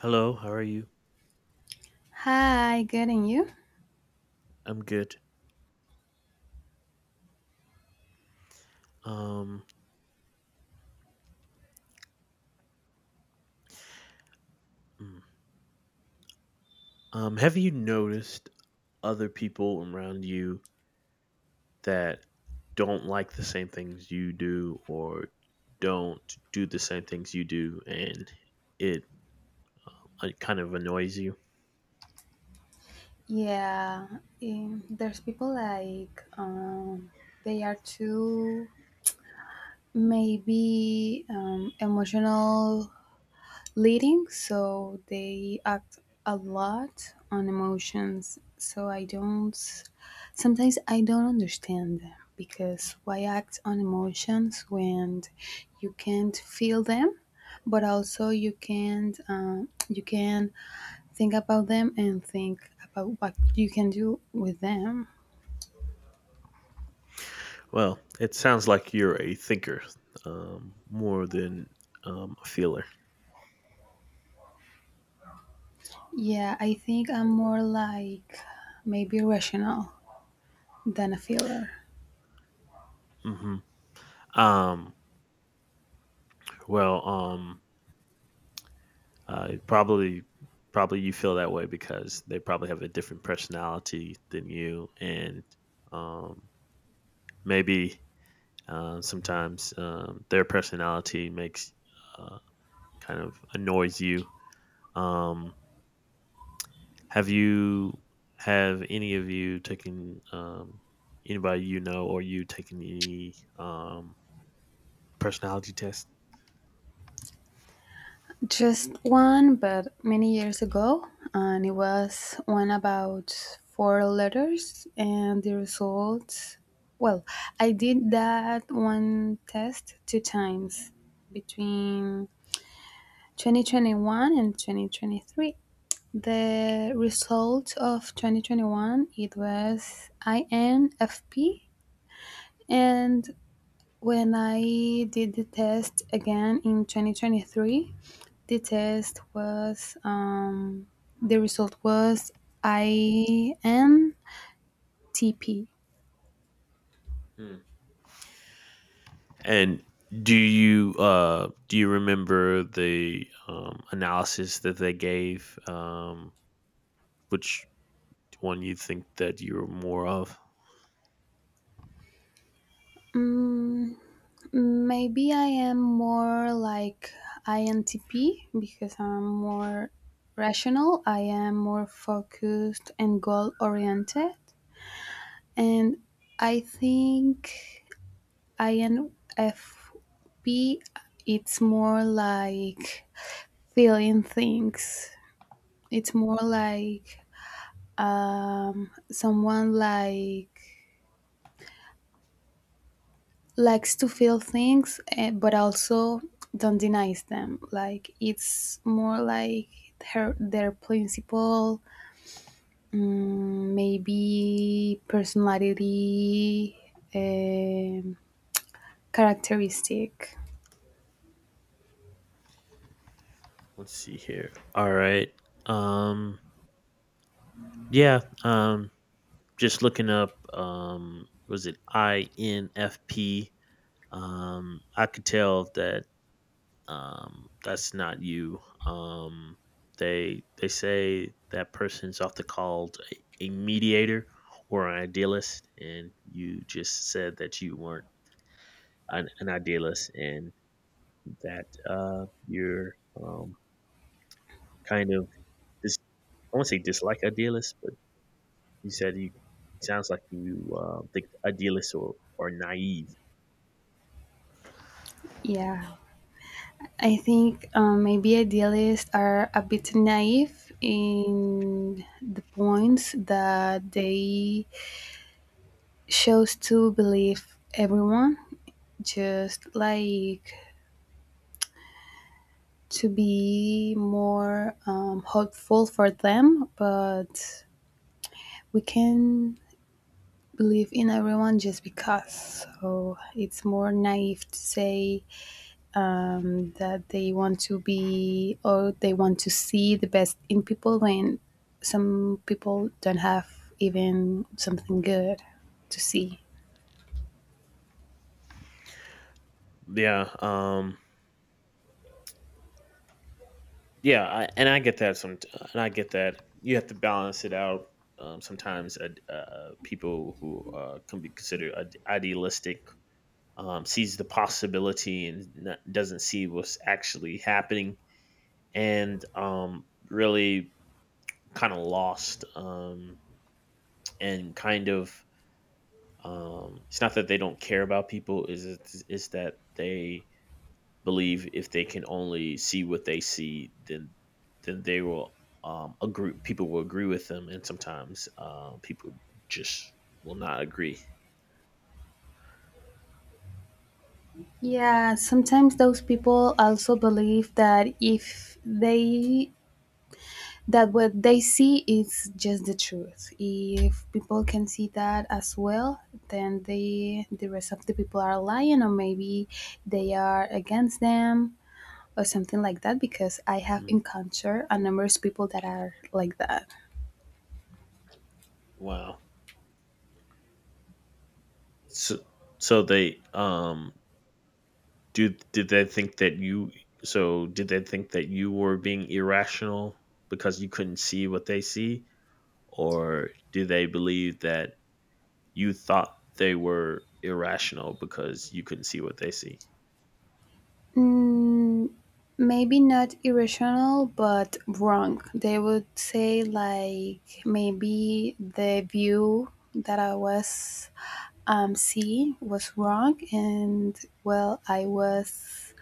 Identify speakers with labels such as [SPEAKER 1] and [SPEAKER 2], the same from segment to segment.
[SPEAKER 1] Hello, how are you?
[SPEAKER 2] Hi, getting you?
[SPEAKER 1] I'm good. Um, mm. Have you noticed other people around you that don't like the same things you do or don't do the same things you do and it kind of annoys you?
[SPEAKER 2] Yeah, there's people like they are too maybe emotional leading, so they act a lot on emotions. So I don't. Sometimes I don't understand them because why act on emotions when you can't feel them, but also you can't, you can think about them and think about what you can do with them.
[SPEAKER 1] Well, it sounds like you're a thinker, more than a feeler.
[SPEAKER 2] Yeah, I think I'm more like maybe rational than a feeler.
[SPEAKER 1] Hmm. Um, well, um, Uh, probably, probably you feel that way because they probably have a different personality than you, and um, maybe sometimes their personality makes uh, kind of annoys you. Um, have you have any of you taken anybody you know or you taken any personality test?
[SPEAKER 2] Just one, but many years ago, and it was one about four letters, and the results. Well, I did that one test two times between 2021 and 2023. The result of 2021, it was INFP, and when I did the test again in 2023, the test was um, the result was INTP.
[SPEAKER 1] Hmm. And do you remember the analysis that they gave? Which one you think that you were more of?
[SPEAKER 2] Mm, Maybe I am more like INTP because I'm more rational. I am more focused and goal oriented. And I think INFP, it's more like feeling things. It's more like, someone likes to feel things, but also don't denies them. Like it's more like her their principle, maybe personality, um, characteristic.
[SPEAKER 1] Let's see here. All right. Um, yeah. Just looking up. Was it INFP? I could tell that that's not you. Um, they say that person's often called a mediator or an idealist, and you just said that you weren't an idealist and that you're um, kind of dis- I won't say dislike idealists, but you said you sounds like you think idealists or naive.
[SPEAKER 2] Yeah. I think, maybe idealists are a bit naive in the points that they chose to believe everyone, just like to be more hopeful for them, but we can believe in everyone just because. So it's more naive to say that they want to be or they want to see the best in people when some people don't have even something good to see.
[SPEAKER 1] Yeah. Yeah, and I get that some, and I get that you have to balance it out. Sometimes people who can be considered idealistic sees the possibility and not, doesn't see what's actually happening, and really kind of lost and kind of. It's not that they don't care about people; it's that they believe if they can only see what they see, then they will agree. People will agree with them, and sometimes people just will not agree.
[SPEAKER 2] Yeah, sometimes those people also believe that if they that what they see is just the truth. If people can see that as well, then the rest of the people are lying, or maybe they are against them or something like that, because I have
[SPEAKER 1] Mm,
[SPEAKER 2] encountered a numerous people that are like that.
[SPEAKER 1] Wow. So so they do did they think that you so did they think that you were being irrational because you couldn't see what they see, or do they believe that you thought they were irrational because you couldn't see what they see?
[SPEAKER 2] Mm, Maybe not irrational, but wrong. They would say like maybe the view that I was, seeing was wrong, and well, I was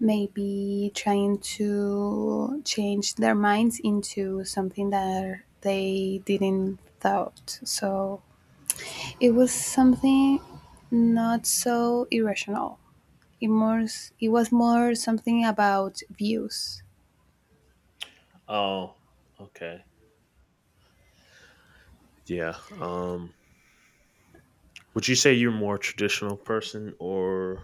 [SPEAKER 2] maybe trying to change their minds into something that they didn't thought. So it was something not so irrational. It was more something about views.
[SPEAKER 1] Oh, okay. Yeah. Would you say you're more traditional person or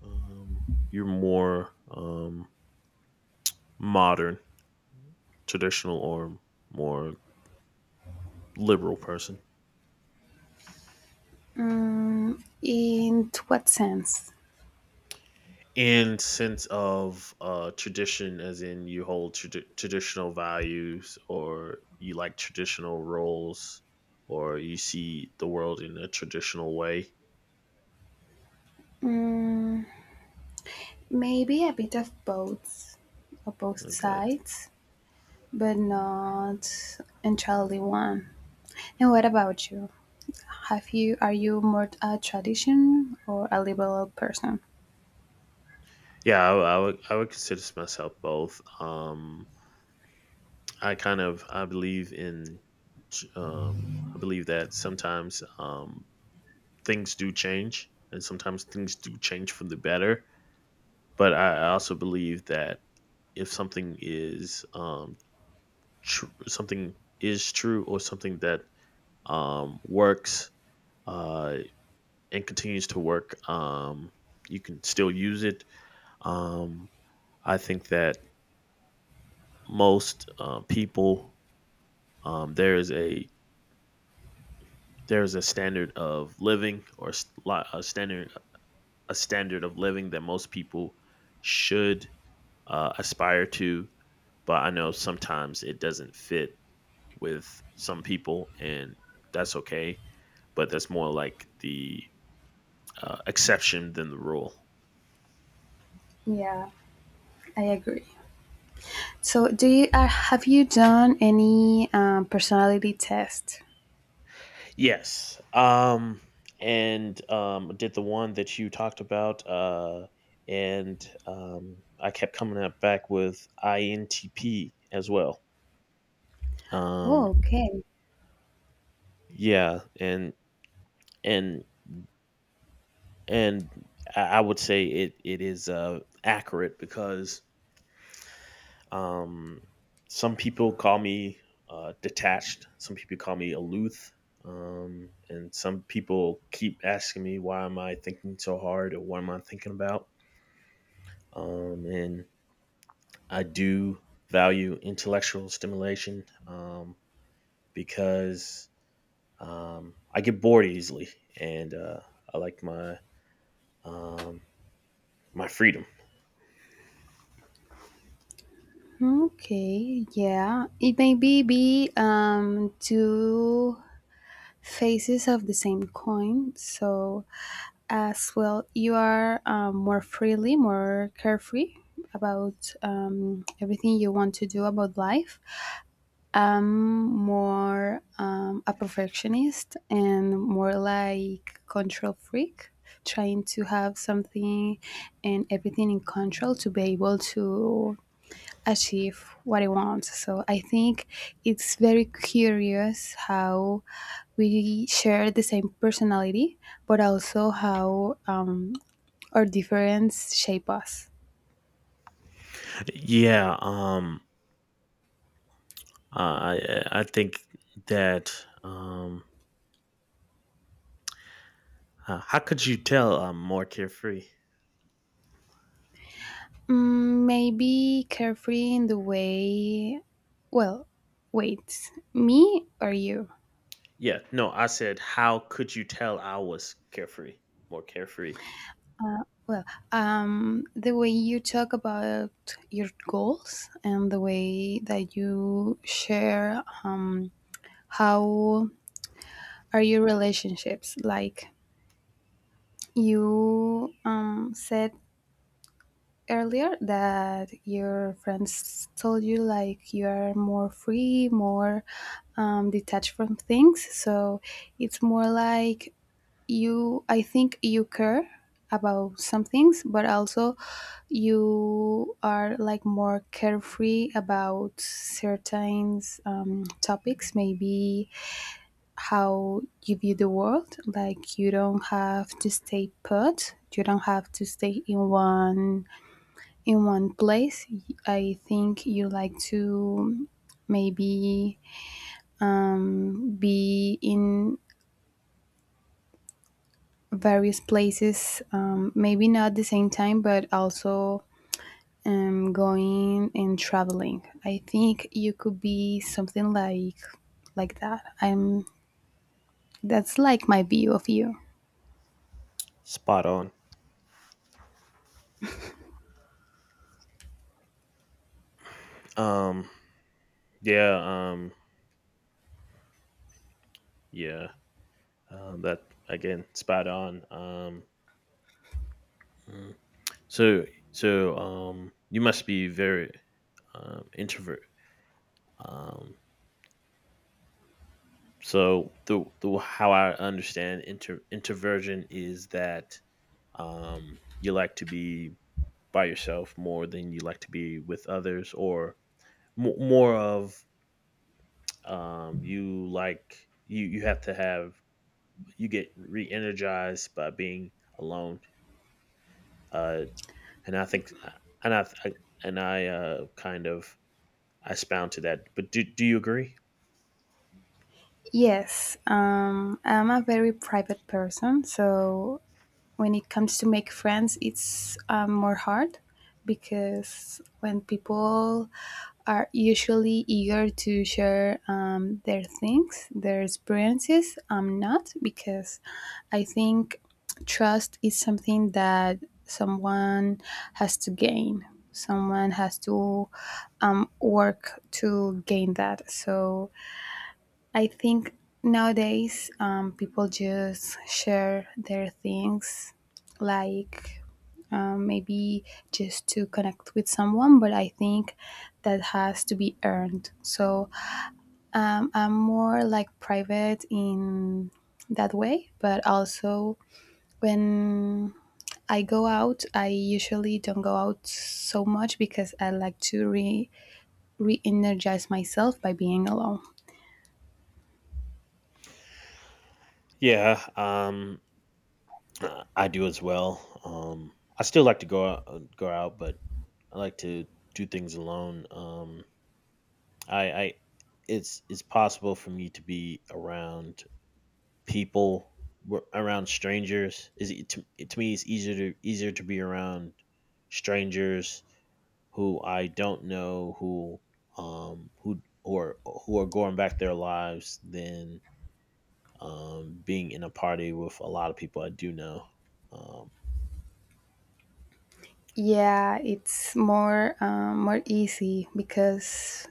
[SPEAKER 1] um, you're more modern, traditional, or more liberal person?
[SPEAKER 2] In what sense?
[SPEAKER 1] In sense of tradition, as in you hold traditional values, or you like traditional roles, or you see the world in a traditional way.
[SPEAKER 2] Mm, Maybe a bit of both
[SPEAKER 1] Okay.
[SPEAKER 2] sides, but not entirely one. And what about you? Have you are you more a tradition or a liberal person?
[SPEAKER 1] Yeah, I would consider myself both. I kind of um, I believe that sometimes things do change, and sometimes things do change for the better. But I also believe that if something is true or something that works uh, and continues to work, you can still use it. Um, I think that most people um, there is a there's a standard of living or a standard of living that most people should aspire to, but I know sometimes it doesn't fit with some people, and that's okay. But that's more like the exception than the rule.
[SPEAKER 2] Yeah, I agree. So, do you have you done any personality test?
[SPEAKER 1] Yes, and did the one that you talked about, and I kept coming up back with INTP as well.
[SPEAKER 2] Oh,
[SPEAKER 1] um
[SPEAKER 2] okay.
[SPEAKER 1] Yeah, and and and I would say it is accurate because um, some people call me detached, some people call me aloof, and some people keep asking me why am I thinking so hard or what am I thinking about. And I do value intellectual stimulation because I get bored easily, and I like um, my freedom.
[SPEAKER 2] Okay. Yeah. It may be two faces of the same coin. So as well you are, more freely, more carefree about everything you want to do about life. I'm more, a perfectionist and more like control freak trying to have something and everything in control to be able to achieve what he wants. So I think it's very curious how we share the same personality, but also how, our difference shape us.
[SPEAKER 1] Yeah, um, I think that um, how could you tell I'm more carefree?
[SPEAKER 2] Maybe carefree in the way, well, wait, me or you?
[SPEAKER 1] Yeah, no, I said how could you tell I was carefree, more carefree?
[SPEAKER 2] Well, the way you talk about your goals and the way that you share, how are your relationships, like you, said earlier that your friends told you like you are more free, more, detached from things, so it's more like you, I think you care about some things but also you are like more carefree about certain, topics, maybe how you view the world. Like you don't have to stay put. You don't have to stay in one place. I think you like to, maybe, be in various places. Maybe not the same time, but also, going and traveling. I think you could be something like that. I'm That's like my view of you.
[SPEAKER 1] Spot on. Um, yeah, yeah, that Again, spot on. Mm. so you must be very introvert. Um, so the how I understand introversion is that you like to be by yourself more than you like to be with others or mo more of you like you have to have you get re-energized by being alone. Uh, and I think and i and I Kind of I spound to that, but do you agree?
[SPEAKER 2] Yes, I'm a very private person, so when it comes to make friends, it's, more hard because when people are usually eager to share, their things, their experiences, I'm not because I think trust is something that someone has to gain. Someone has to, work to gain that. So I think nowadays, people just share their things, like, maybe just to connect with someone, but I think that has to be earned. So, I'm more like private in that way, but also when I go out, I usually don't go out so much because I like to re energize myself by being alone.
[SPEAKER 1] yeah um, I do as well. I still like to go out, but I like to do things alone. I It's possible for me to be around people, wh- around strangers is it, to me it's easier to be around strangers who I don't know, um who who are who are going back their lives, than being in a party with a lot of people I do know. um
[SPEAKER 2] Yeah, it's more, more easy because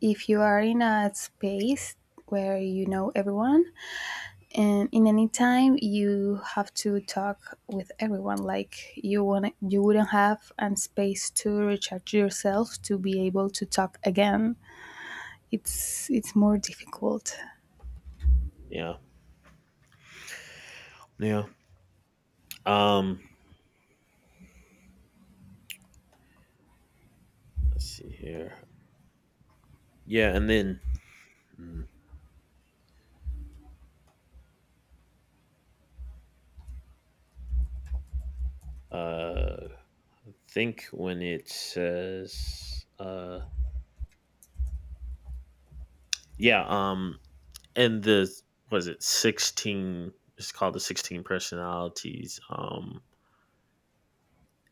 [SPEAKER 2] if you are in a space where you know everyone, and in any time you have to talk with everyone, like you want, you wouldn't have a space to recharge yourself to be able to talk again. It's more difficult.
[SPEAKER 1] yeah yeah um let's see here. yeah and then mm, uh I think when it says, yeah, um, and the, was it 16? It's called the 16 personalities.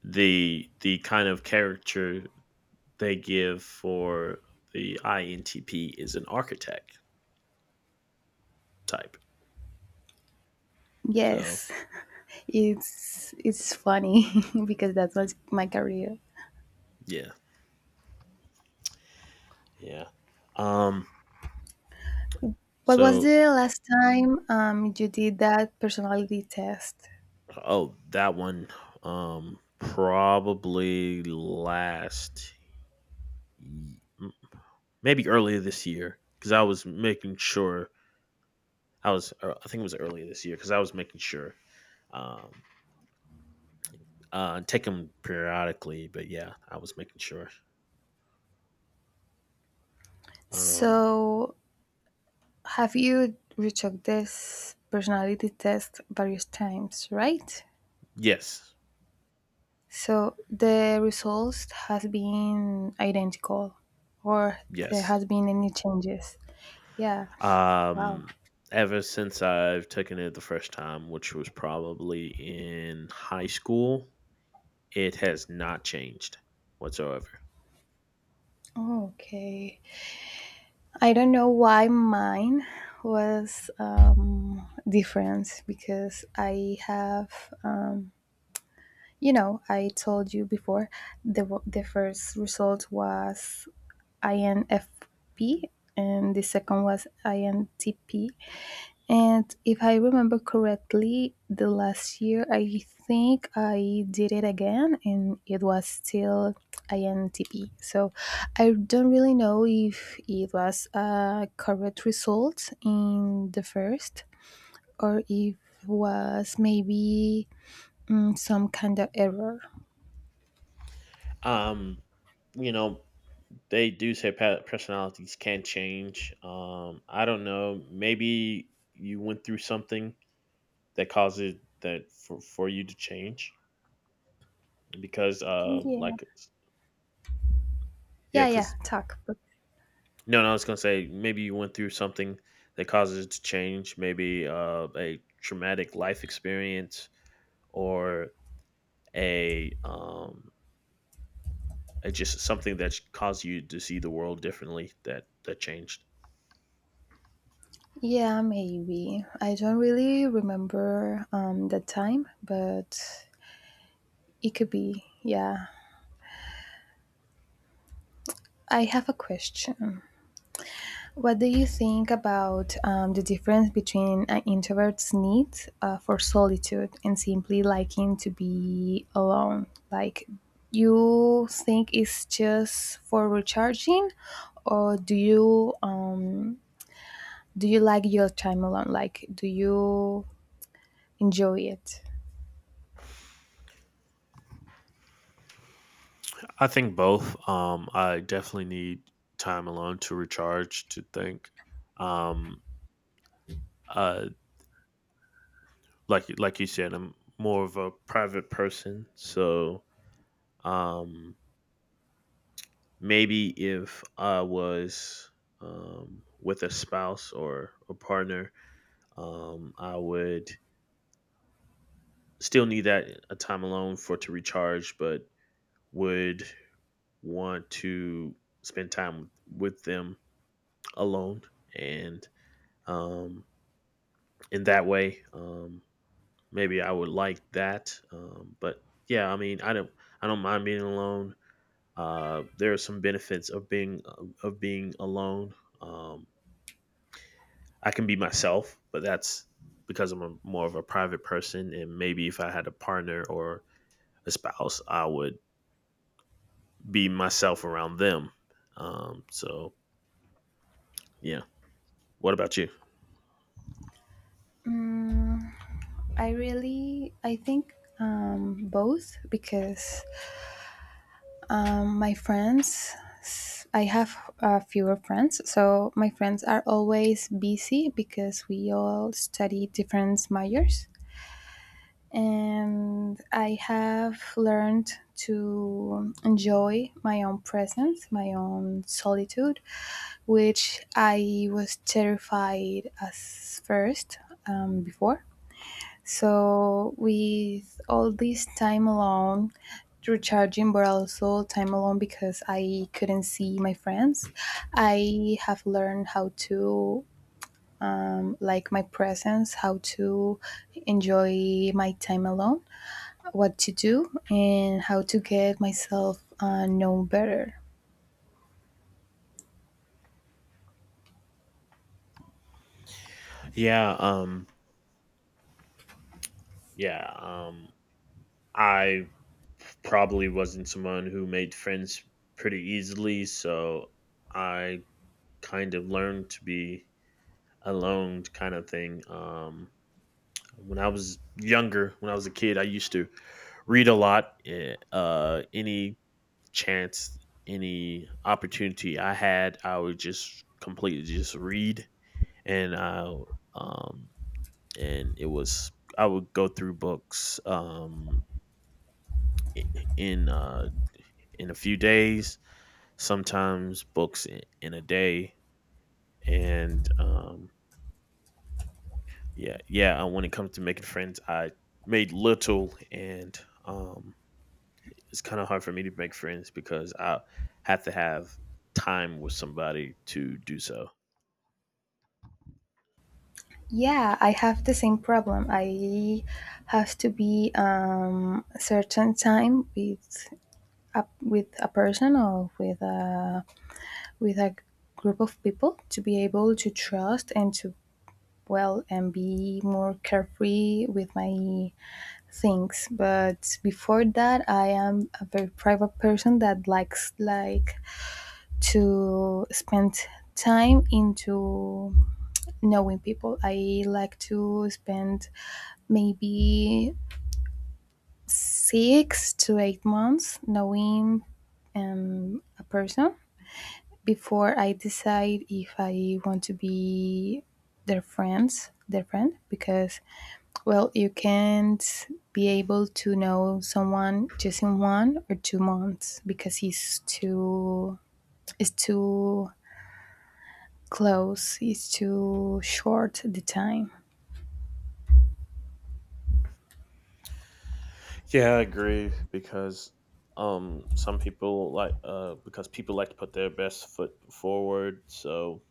[SPEAKER 1] The kind of character they give for the INTP is an architect type. So
[SPEAKER 2] Yes, it's funny because that's what my career.
[SPEAKER 1] yeah, yeah. Um,
[SPEAKER 2] What was
[SPEAKER 1] so
[SPEAKER 2] the last time, you did that personality test?
[SPEAKER 1] oh, that one. Probably last, maybe earlier this year, because I was making sure I think it was earlier this year because I was making sure, um take them periodically. But yeah, I was making sure. um
[SPEAKER 2] So, have you retook this personality test various times, right?
[SPEAKER 1] yes.
[SPEAKER 2] So, the results has been identical or there
[SPEAKER 1] yes
[SPEAKER 2] has been any changes. Yeah. Wow.
[SPEAKER 1] um Ever since I've taken it the first time, which was probably in high school, it has not changed whatsoever.
[SPEAKER 2] Okay. I don't know why mine was, different because I have um, You know, I told you before the first result was INFP and the second was INTP. And if I remember correctly, the last year I think I did it again and it was still INTP. So I don't really know if it was a correct result in the first, or if was maybe, some kind of error.
[SPEAKER 1] um you know, they do say personalities can change. I don't know. Maybe you went through something that caused it, for you to change because,
[SPEAKER 2] Yeah.
[SPEAKER 1] yeah,
[SPEAKER 2] Yeah, yeah,
[SPEAKER 1] because,
[SPEAKER 2] talk. But
[SPEAKER 1] no, no, I was gonna say maybe you went through something that causes it to change. Maybe a traumatic life experience or a um, a just something that caused you to see the world differently, that changed.
[SPEAKER 2] yeah, maybe. I don't really remember, the time, but it could be. Yeah. I have a question. What do you think about, the difference between an introvert's need, for solitude and simply liking to be alone? Like, you think it's just for recharging, or do you like your time alone? Like, do you enjoy it?
[SPEAKER 1] I think both. I definitely need time alone to recharge, to think. Um, uh, like you said, I'm more of a private person, so um, maybe if I was with a spouse or a partner, I would still need that a time alone for to recharge, but would want to spend time with them alone and um in that way. Maybe I would like that. But yeah, I mean, I don't mind being alone. There are some benefits of being alone. Um, I can be myself, but that's because more of a private person. And maybe if I had a partner or a spouse, I would be myself around them. So yeah. What about you?
[SPEAKER 2] I think, both because, my friends, I have, fewer friends, so my friends are always busy because we all study different majors. And I have learned to enjoy my own presence, my own solitude, which I was terrified as first, before. So with all this time alone, recharging, but also time alone because I couldn't see my friends, I have learned how to, like my presence, how to enjoy my time alone, what to do, and how to get myself, known better.
[SPEAKER 1] Yeah. Yeah. Um, I probably wasn't someone who made friends pretty easily, so I kind of learned to be alone, kind of thing. When I was younger, when I was a kid, I used to read a lot. Chance, any opportunity I had, I would just completely just read, and I um, and it was I would go through books i- in uh in a few days, sometimes books in a day. And yeah, yeah. When it comes to making friends, I made little, and um, it's kind of hard for me to make friends because I have to have time with somebody to do so.
[SPEAKER 2] Yeah, I have the same problem. I have to be, a certain time with up with a person, or with a group of people to be able to trust and to, well, and be more carefree with my things, but before that, I am a very private person that likes to spend time into knowing people. I like to spend maybe 6 to 8 months knowing, a person before I decide if I want to be their friends, their friend, because well, you can't be able to know someone just in 1 or 2 months because it's too close, it's too short the time.
[SPEAKER 1] Yeah, I agree, because some people like because people like to put their best foot forward. So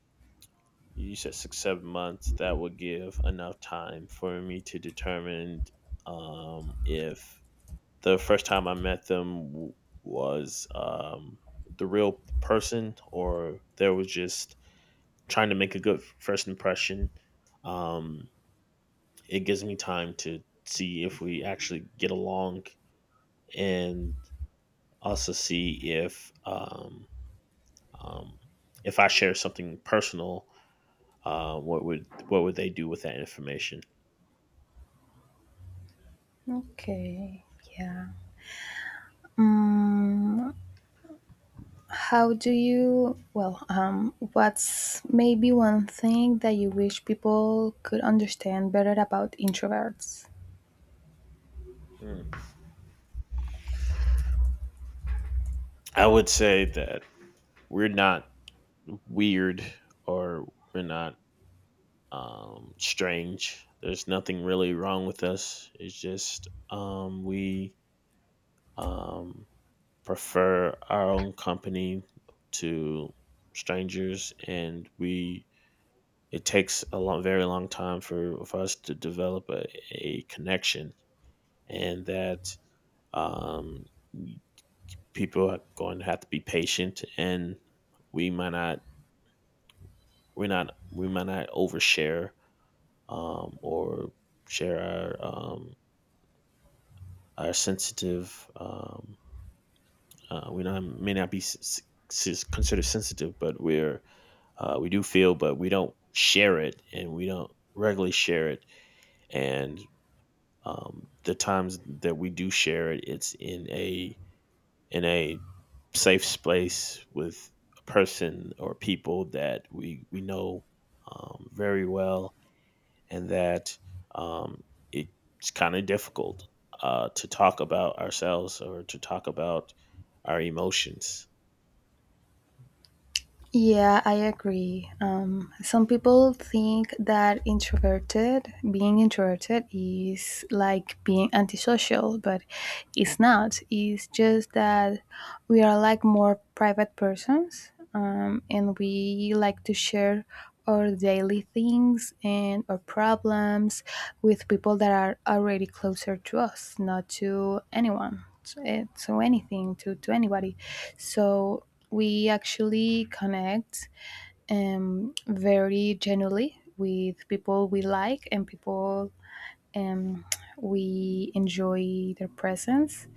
[SPEAKER 1] you said 6 7 months that would give enough time for me to determine if the first time I met them was the real person, or there was just trying to make a good first impression. um, it gives me time to see if we actually get along, and also see um, if I share something personal, what would they do with that information.
[SPEAKER 2] Okay. Yeah. Mm, how do you, well, What's maybe one thing that you wish people could understand better about introverts?
[SPEAKER 1] Mm. I would say that we're not weird, or we're not strange. There's nothing really wrong with us. It's just we um, prefer our own company to strangers, and we it takes a long, very long time for us to develop a connection, and that um, people are going to have to be patient, and we might not we might not overshare or share our um, our sensitive we not, may not be considered sensitive, but we do feel, but we don't share it, and we don't regularly share it. And the times that we do share it's in a, in a safe space with a person or people that we know very well, and that um, it's kind of difficult to talk about ourselves or to talk about our emotions.
[SPEAKER 2] Yeah, I agree. Some people think that being introverted is like being antisocial, but it's not. It's just that we are like more private persons, and we like to share our daily things and our problems with people that are already closer to us, not to anyone, to anything, to anybody, so we actually connect, very genuinely with people we like and people, um, we enjoy their presence.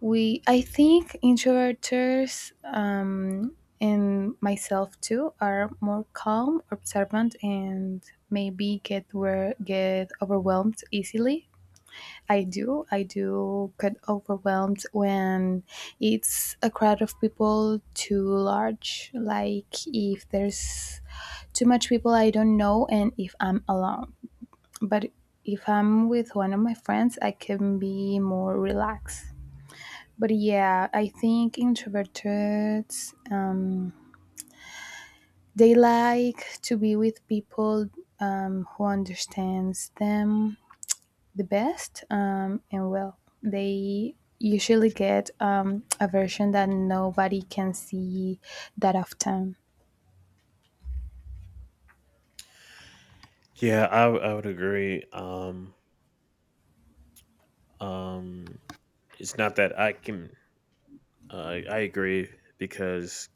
[SPEAKER 2] We i think introverts, and myself too are more calm, observant, and maybe get overwhelmed easily. I do. I do get overwhelmed when it's a crowd of people too large. Like if there's too much people I don't know and if I'm alone. But if I'm with one of my friends, I can be more relaxed. But yeah, I think introverts, they like to be with people, who understands them the best. And well, they usually get, a version that nobody can see that often.
[SPEAKER 1] Yeah, I would agree. Um, it's not that I can, I agree because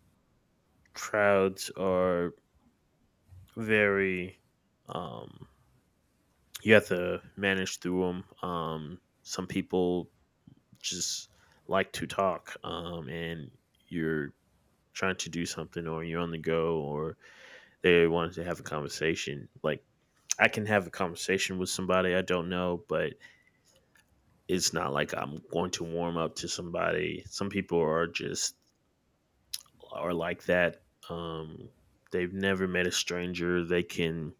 [SPEAKER 1] crowds are very, um, you have to manage through them. Some people just like to talk, and you're trying to do something or you're on the go, or they wanted to have a conversation. Like, I can have a conversation with somebody I don't know, but it's not like I'm going to warm up to somebody. Some people are just are like that. Um, they've never met a stranger. They can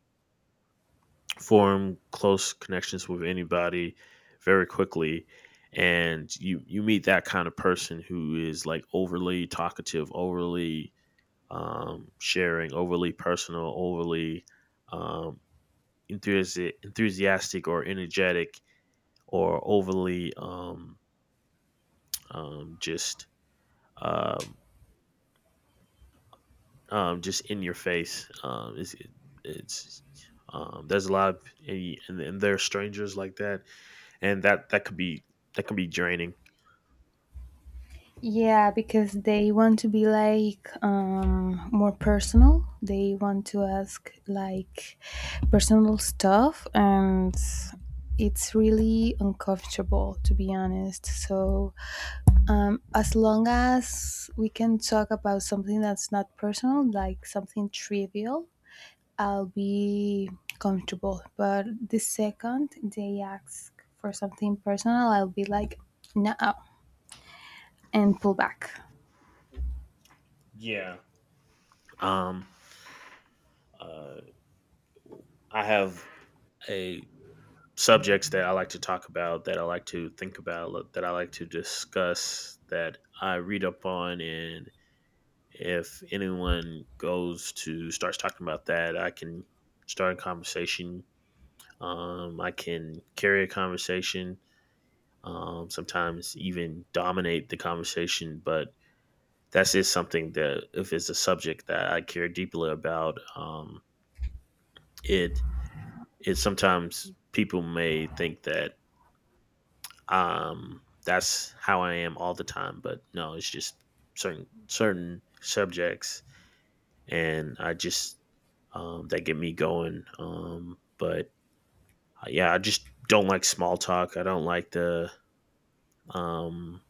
[SPEAKER 1] form close connections with anybody very quickly. And you meet that kind of person who is like overly talkative, overly sharing, overly personal, overly um, enthusiastic or energetic, or overly um, just um, just in your face. It's there's a lot of and, there are strangers like that, and that can be draining.
[SPEAKER 2] Yeah, because they want to be like, more personal. They want to ask like personal stuff, and it's really uncomfortable to be honest. So, as long as we can talk about something that's not personal, like something trivial, I'll be comfortable. But the second they ask for something personal, I'll be like, no, and pull back.
[SPEAKER 1] Yeah. Um, uh, I have a subjects that I like to talk about, that I like to think about, that I like to discuss, that I read up on, and if anyone goes to starts talking about that, I can start a conversation. I can carry a conversation. Sometimes even dominate the conversation, but that's just something that if it's a subject that I care deeply about, it it sometimes people may think that, that's how I am all the time, but no, it's just certain subjects, and I just that get me going. But Yeah, I just don't like small talk. I don't like um,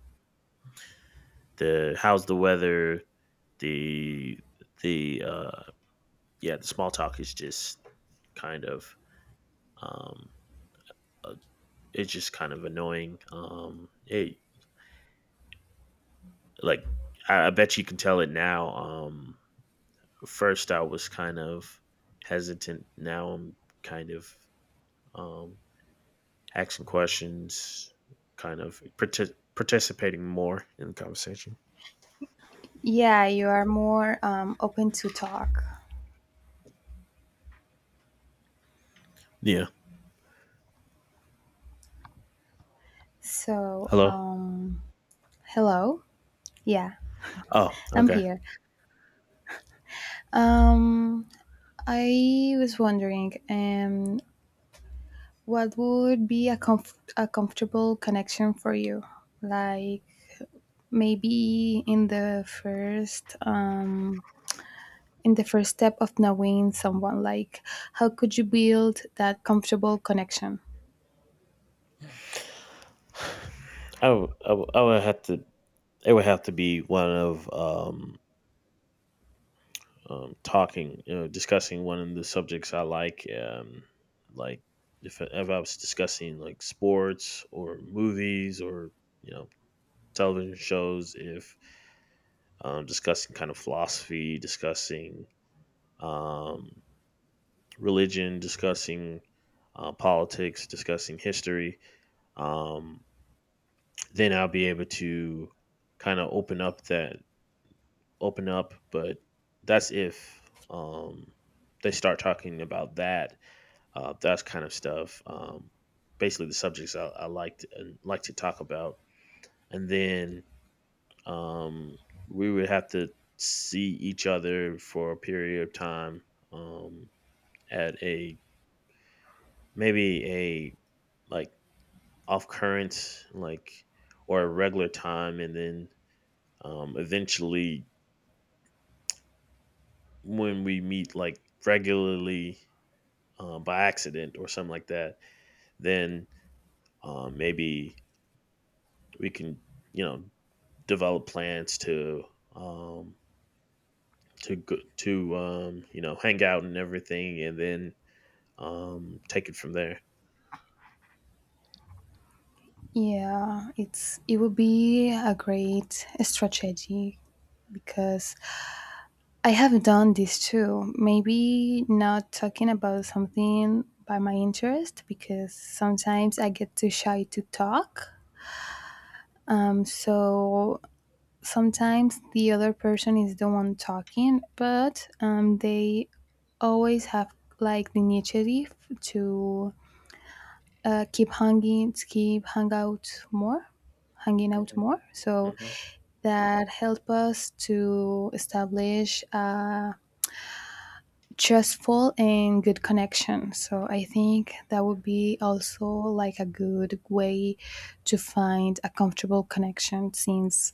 [SPEAKER 1] the how's the weather, the the yeah, the small talk is just kind of um, uh, it's just kind of annoying. It like I, bet you can tell it now. First I was kind of hesitant. Now I'm kind of um, asking questions, kind of participating more in the conversation.
[SPEAKER 2] Yeah, you are more, open to talk.
[SPEAKER 1] Yeah.
[SPEAKER 2] So,
[SPEAKER 1] Hello.
[SPEAKER 2] hello. Yeah,
[SPEAKER 1] Oh,
[SPEAKER 2] I'm
[SPEAKER 1] okay.
[SPEAKER 2] here. Um, I was wondering, what would be a comfortable connection for you? Like maybe in the first step of knowing someone, like how could you build that comfortable connection?
[SPEAKER 1] I would have to. It would have to be one of talking, you know, discussing one of the subjects I like. Like, if I was discussing like sports or movies or, you know, television shows, if discussing kind of philosophy, discussing um, religion, discussing politics, discussing history, um, then I'll be able to kind of open up. But that's if um, they start talking about that, that kind of stuff. Basically, the subjects I liked and like to talk about, and then um, we would have to see each other for a period of time, um, at a maybe a like off current like or a regular time, and then eventually when we meet like regularly, by accident or something like that, then maybe we can, you know, develop plans to um, to you know, hang out and everything, and then take it from there.
[SPEAKER 2] Yeah, it would be a great strategy because I have done this too, maybe not talking about something by my interest because sometimes I get too shy to talk, so sometimes the other person is the one talking, but, they always have like the initiative to, keep hanging, keep hang out more, hanging out
[SPEAKER 1] Hmm.
[SPEAKER 2] more. So
[SPEAKER 1] Hmm.
[SPEAKER 2] that help us to establish a trustful and good connection. So I think that would be also like a good way to find a comfortable connection, since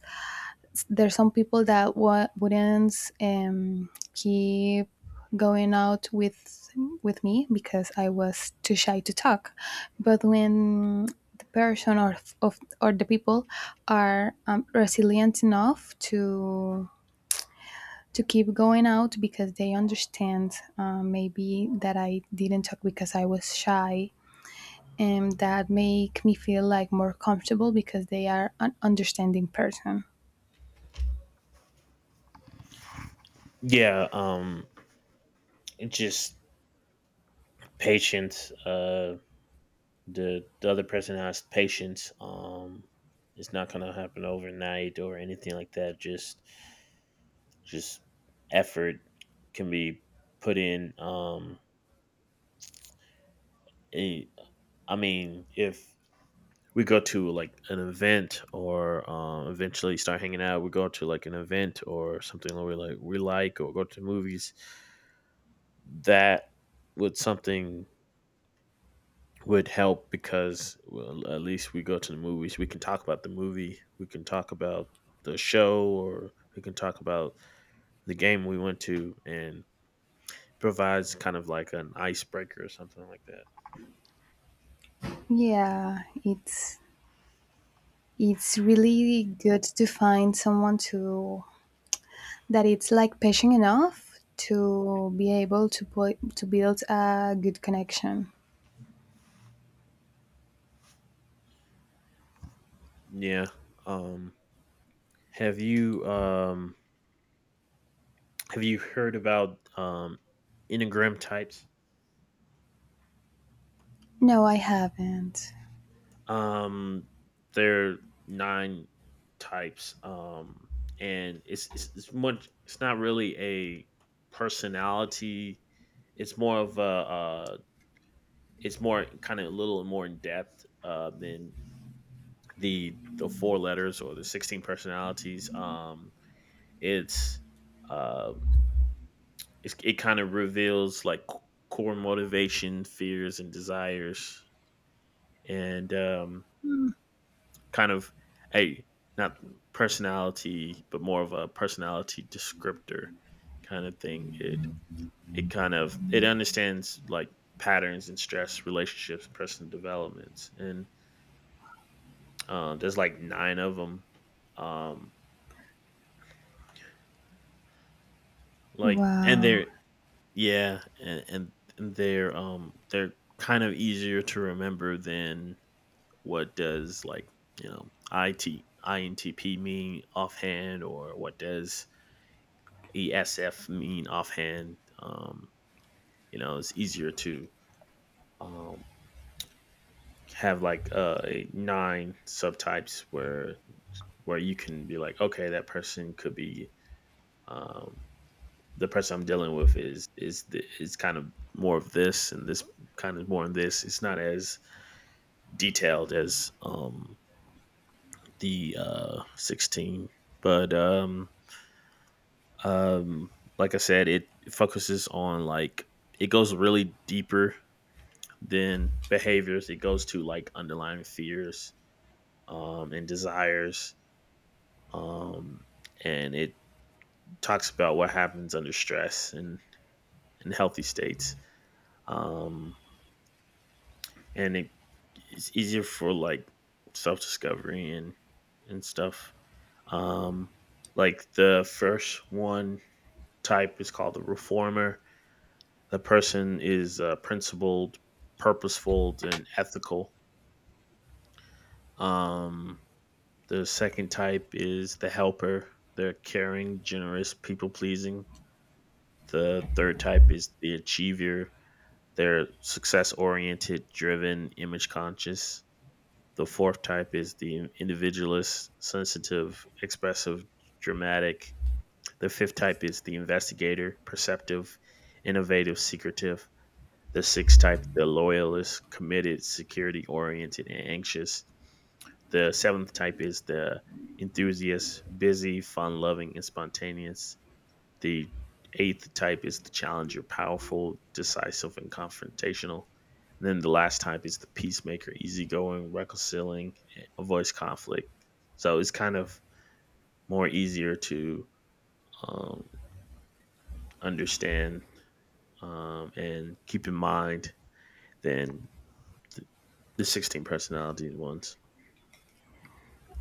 [SPEAKER 2] there's some people that wouldn't, keep going out with me because I was too shy to talk. But when the person or the people are, resilient enough to keep going out because they understand, maybe that I didn't talk because I was shy, and that make me feel like more comfortable because they are an understanding person.
[SPEAKER 1] Yeah. Just patience. The other person has patience. It's not gonna happen overnight or anything like that. Just effort can be put in. Any- I mean, if we go to like an event or, eventually start hanging out, we go to like an event or something that we like, or go to movies. That with something would help because, well, at least we go to the movies. We can talk about the movie. We can talk about the show, or we can talk about the game we went to, and provides kind of like an icebreaker or something like that.
[SPEAKER 2] Yeah, it's It's really good to find someone to that it's like patient enough to be able to put to build a good connection.
[SPEAKER 1] Yeah. Um, have you um, have you heard about enneagram types?
[SPEAKER 2] No, I haven't.
[SPEAKER 1] Um, there are nine types. And it's much. It's not really a personality. It's more of a. It's more kind of a little more in depth than the four letters or the 16 personalities. It's uh, it kind of reveals like core motivation, fears, and desires, and kind of a not personality, but more of a personality descriptor kind of thing. It kind of it understands like patterns and stress relationships, personal developments, and there's like nine of them. Um, like and
[SPEAKER 2] Wow.
[SPEAKER 1] they're, yeah, and they're, they're kind of easier to remember than what does like, you know, IT INTP mean offhand, or what does ESF mean offhand. You know, it's easier to um, have like nine subtypes where you can be like, okay, that person could be, um, the person I'm dealing with is kind of more of this, and this kind of more in this. It's not as detailed as the 16, but um, like I said, it focuses on like it goes really deeper then behaviors, it goes to like underlying fears and desires um, and it talks about what happens under stress and healthy states, um, and it's easier for like self-discovery and stuff. um, like, the first one type is called the reformer. The person is principled, purposeful, and ethical. um, The second type is the helper. They're caring, generous, people pleasing. The third type is the achiever. They're success oriented, driven, image conscious. The fourth type is the individualist, sensitive, expressive, dramatic. The fifth type is the investigator, perceptive, innovative, secretive. The sixth type, the loyalist, committed, security oriented, and anxious. The seventh type is the enthusiast, busy, fun loving, and spontaneous. The eighth type is the challenger, powerful, decisive, and confrontational. And then the last type is the peacemaker, easygoing, reconciling, avoids conflict. So it's kind of more easier to um, understand and keep in mind than th- the 16 personality ones.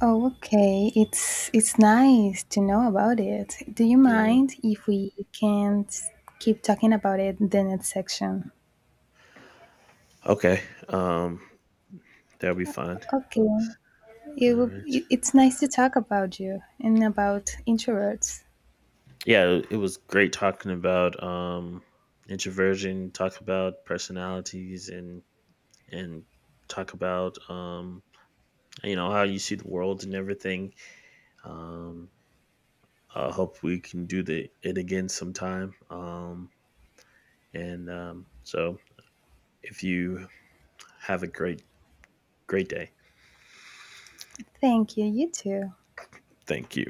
[SPEAKER 2] Oh, okay. It's nice to know about it. Do you
[SPEAKER 1] Yeah.
[SPEAKER 2] mind if we can't keep talking about it in the next section?
[SPEAKER 1] Okay. That'll be fine.
[SPEAKER 2] Okay.
[SPEAKER 1] All
[SPEAKER 2] It, will-
[SPEAKER 1] right.
[SPEAKER 2] it it's nice to talk about you and about introverts.
[SPEAKER 1] Yeah, it was great talking about introversion, talk about personalities, and and talk about, you know, how you see the world and everything. um I hope we can do the it again sometime. And so if you have a great day.
[SPEAKER 2] Thank you. You too.
[SPEAKER 1] Thank you.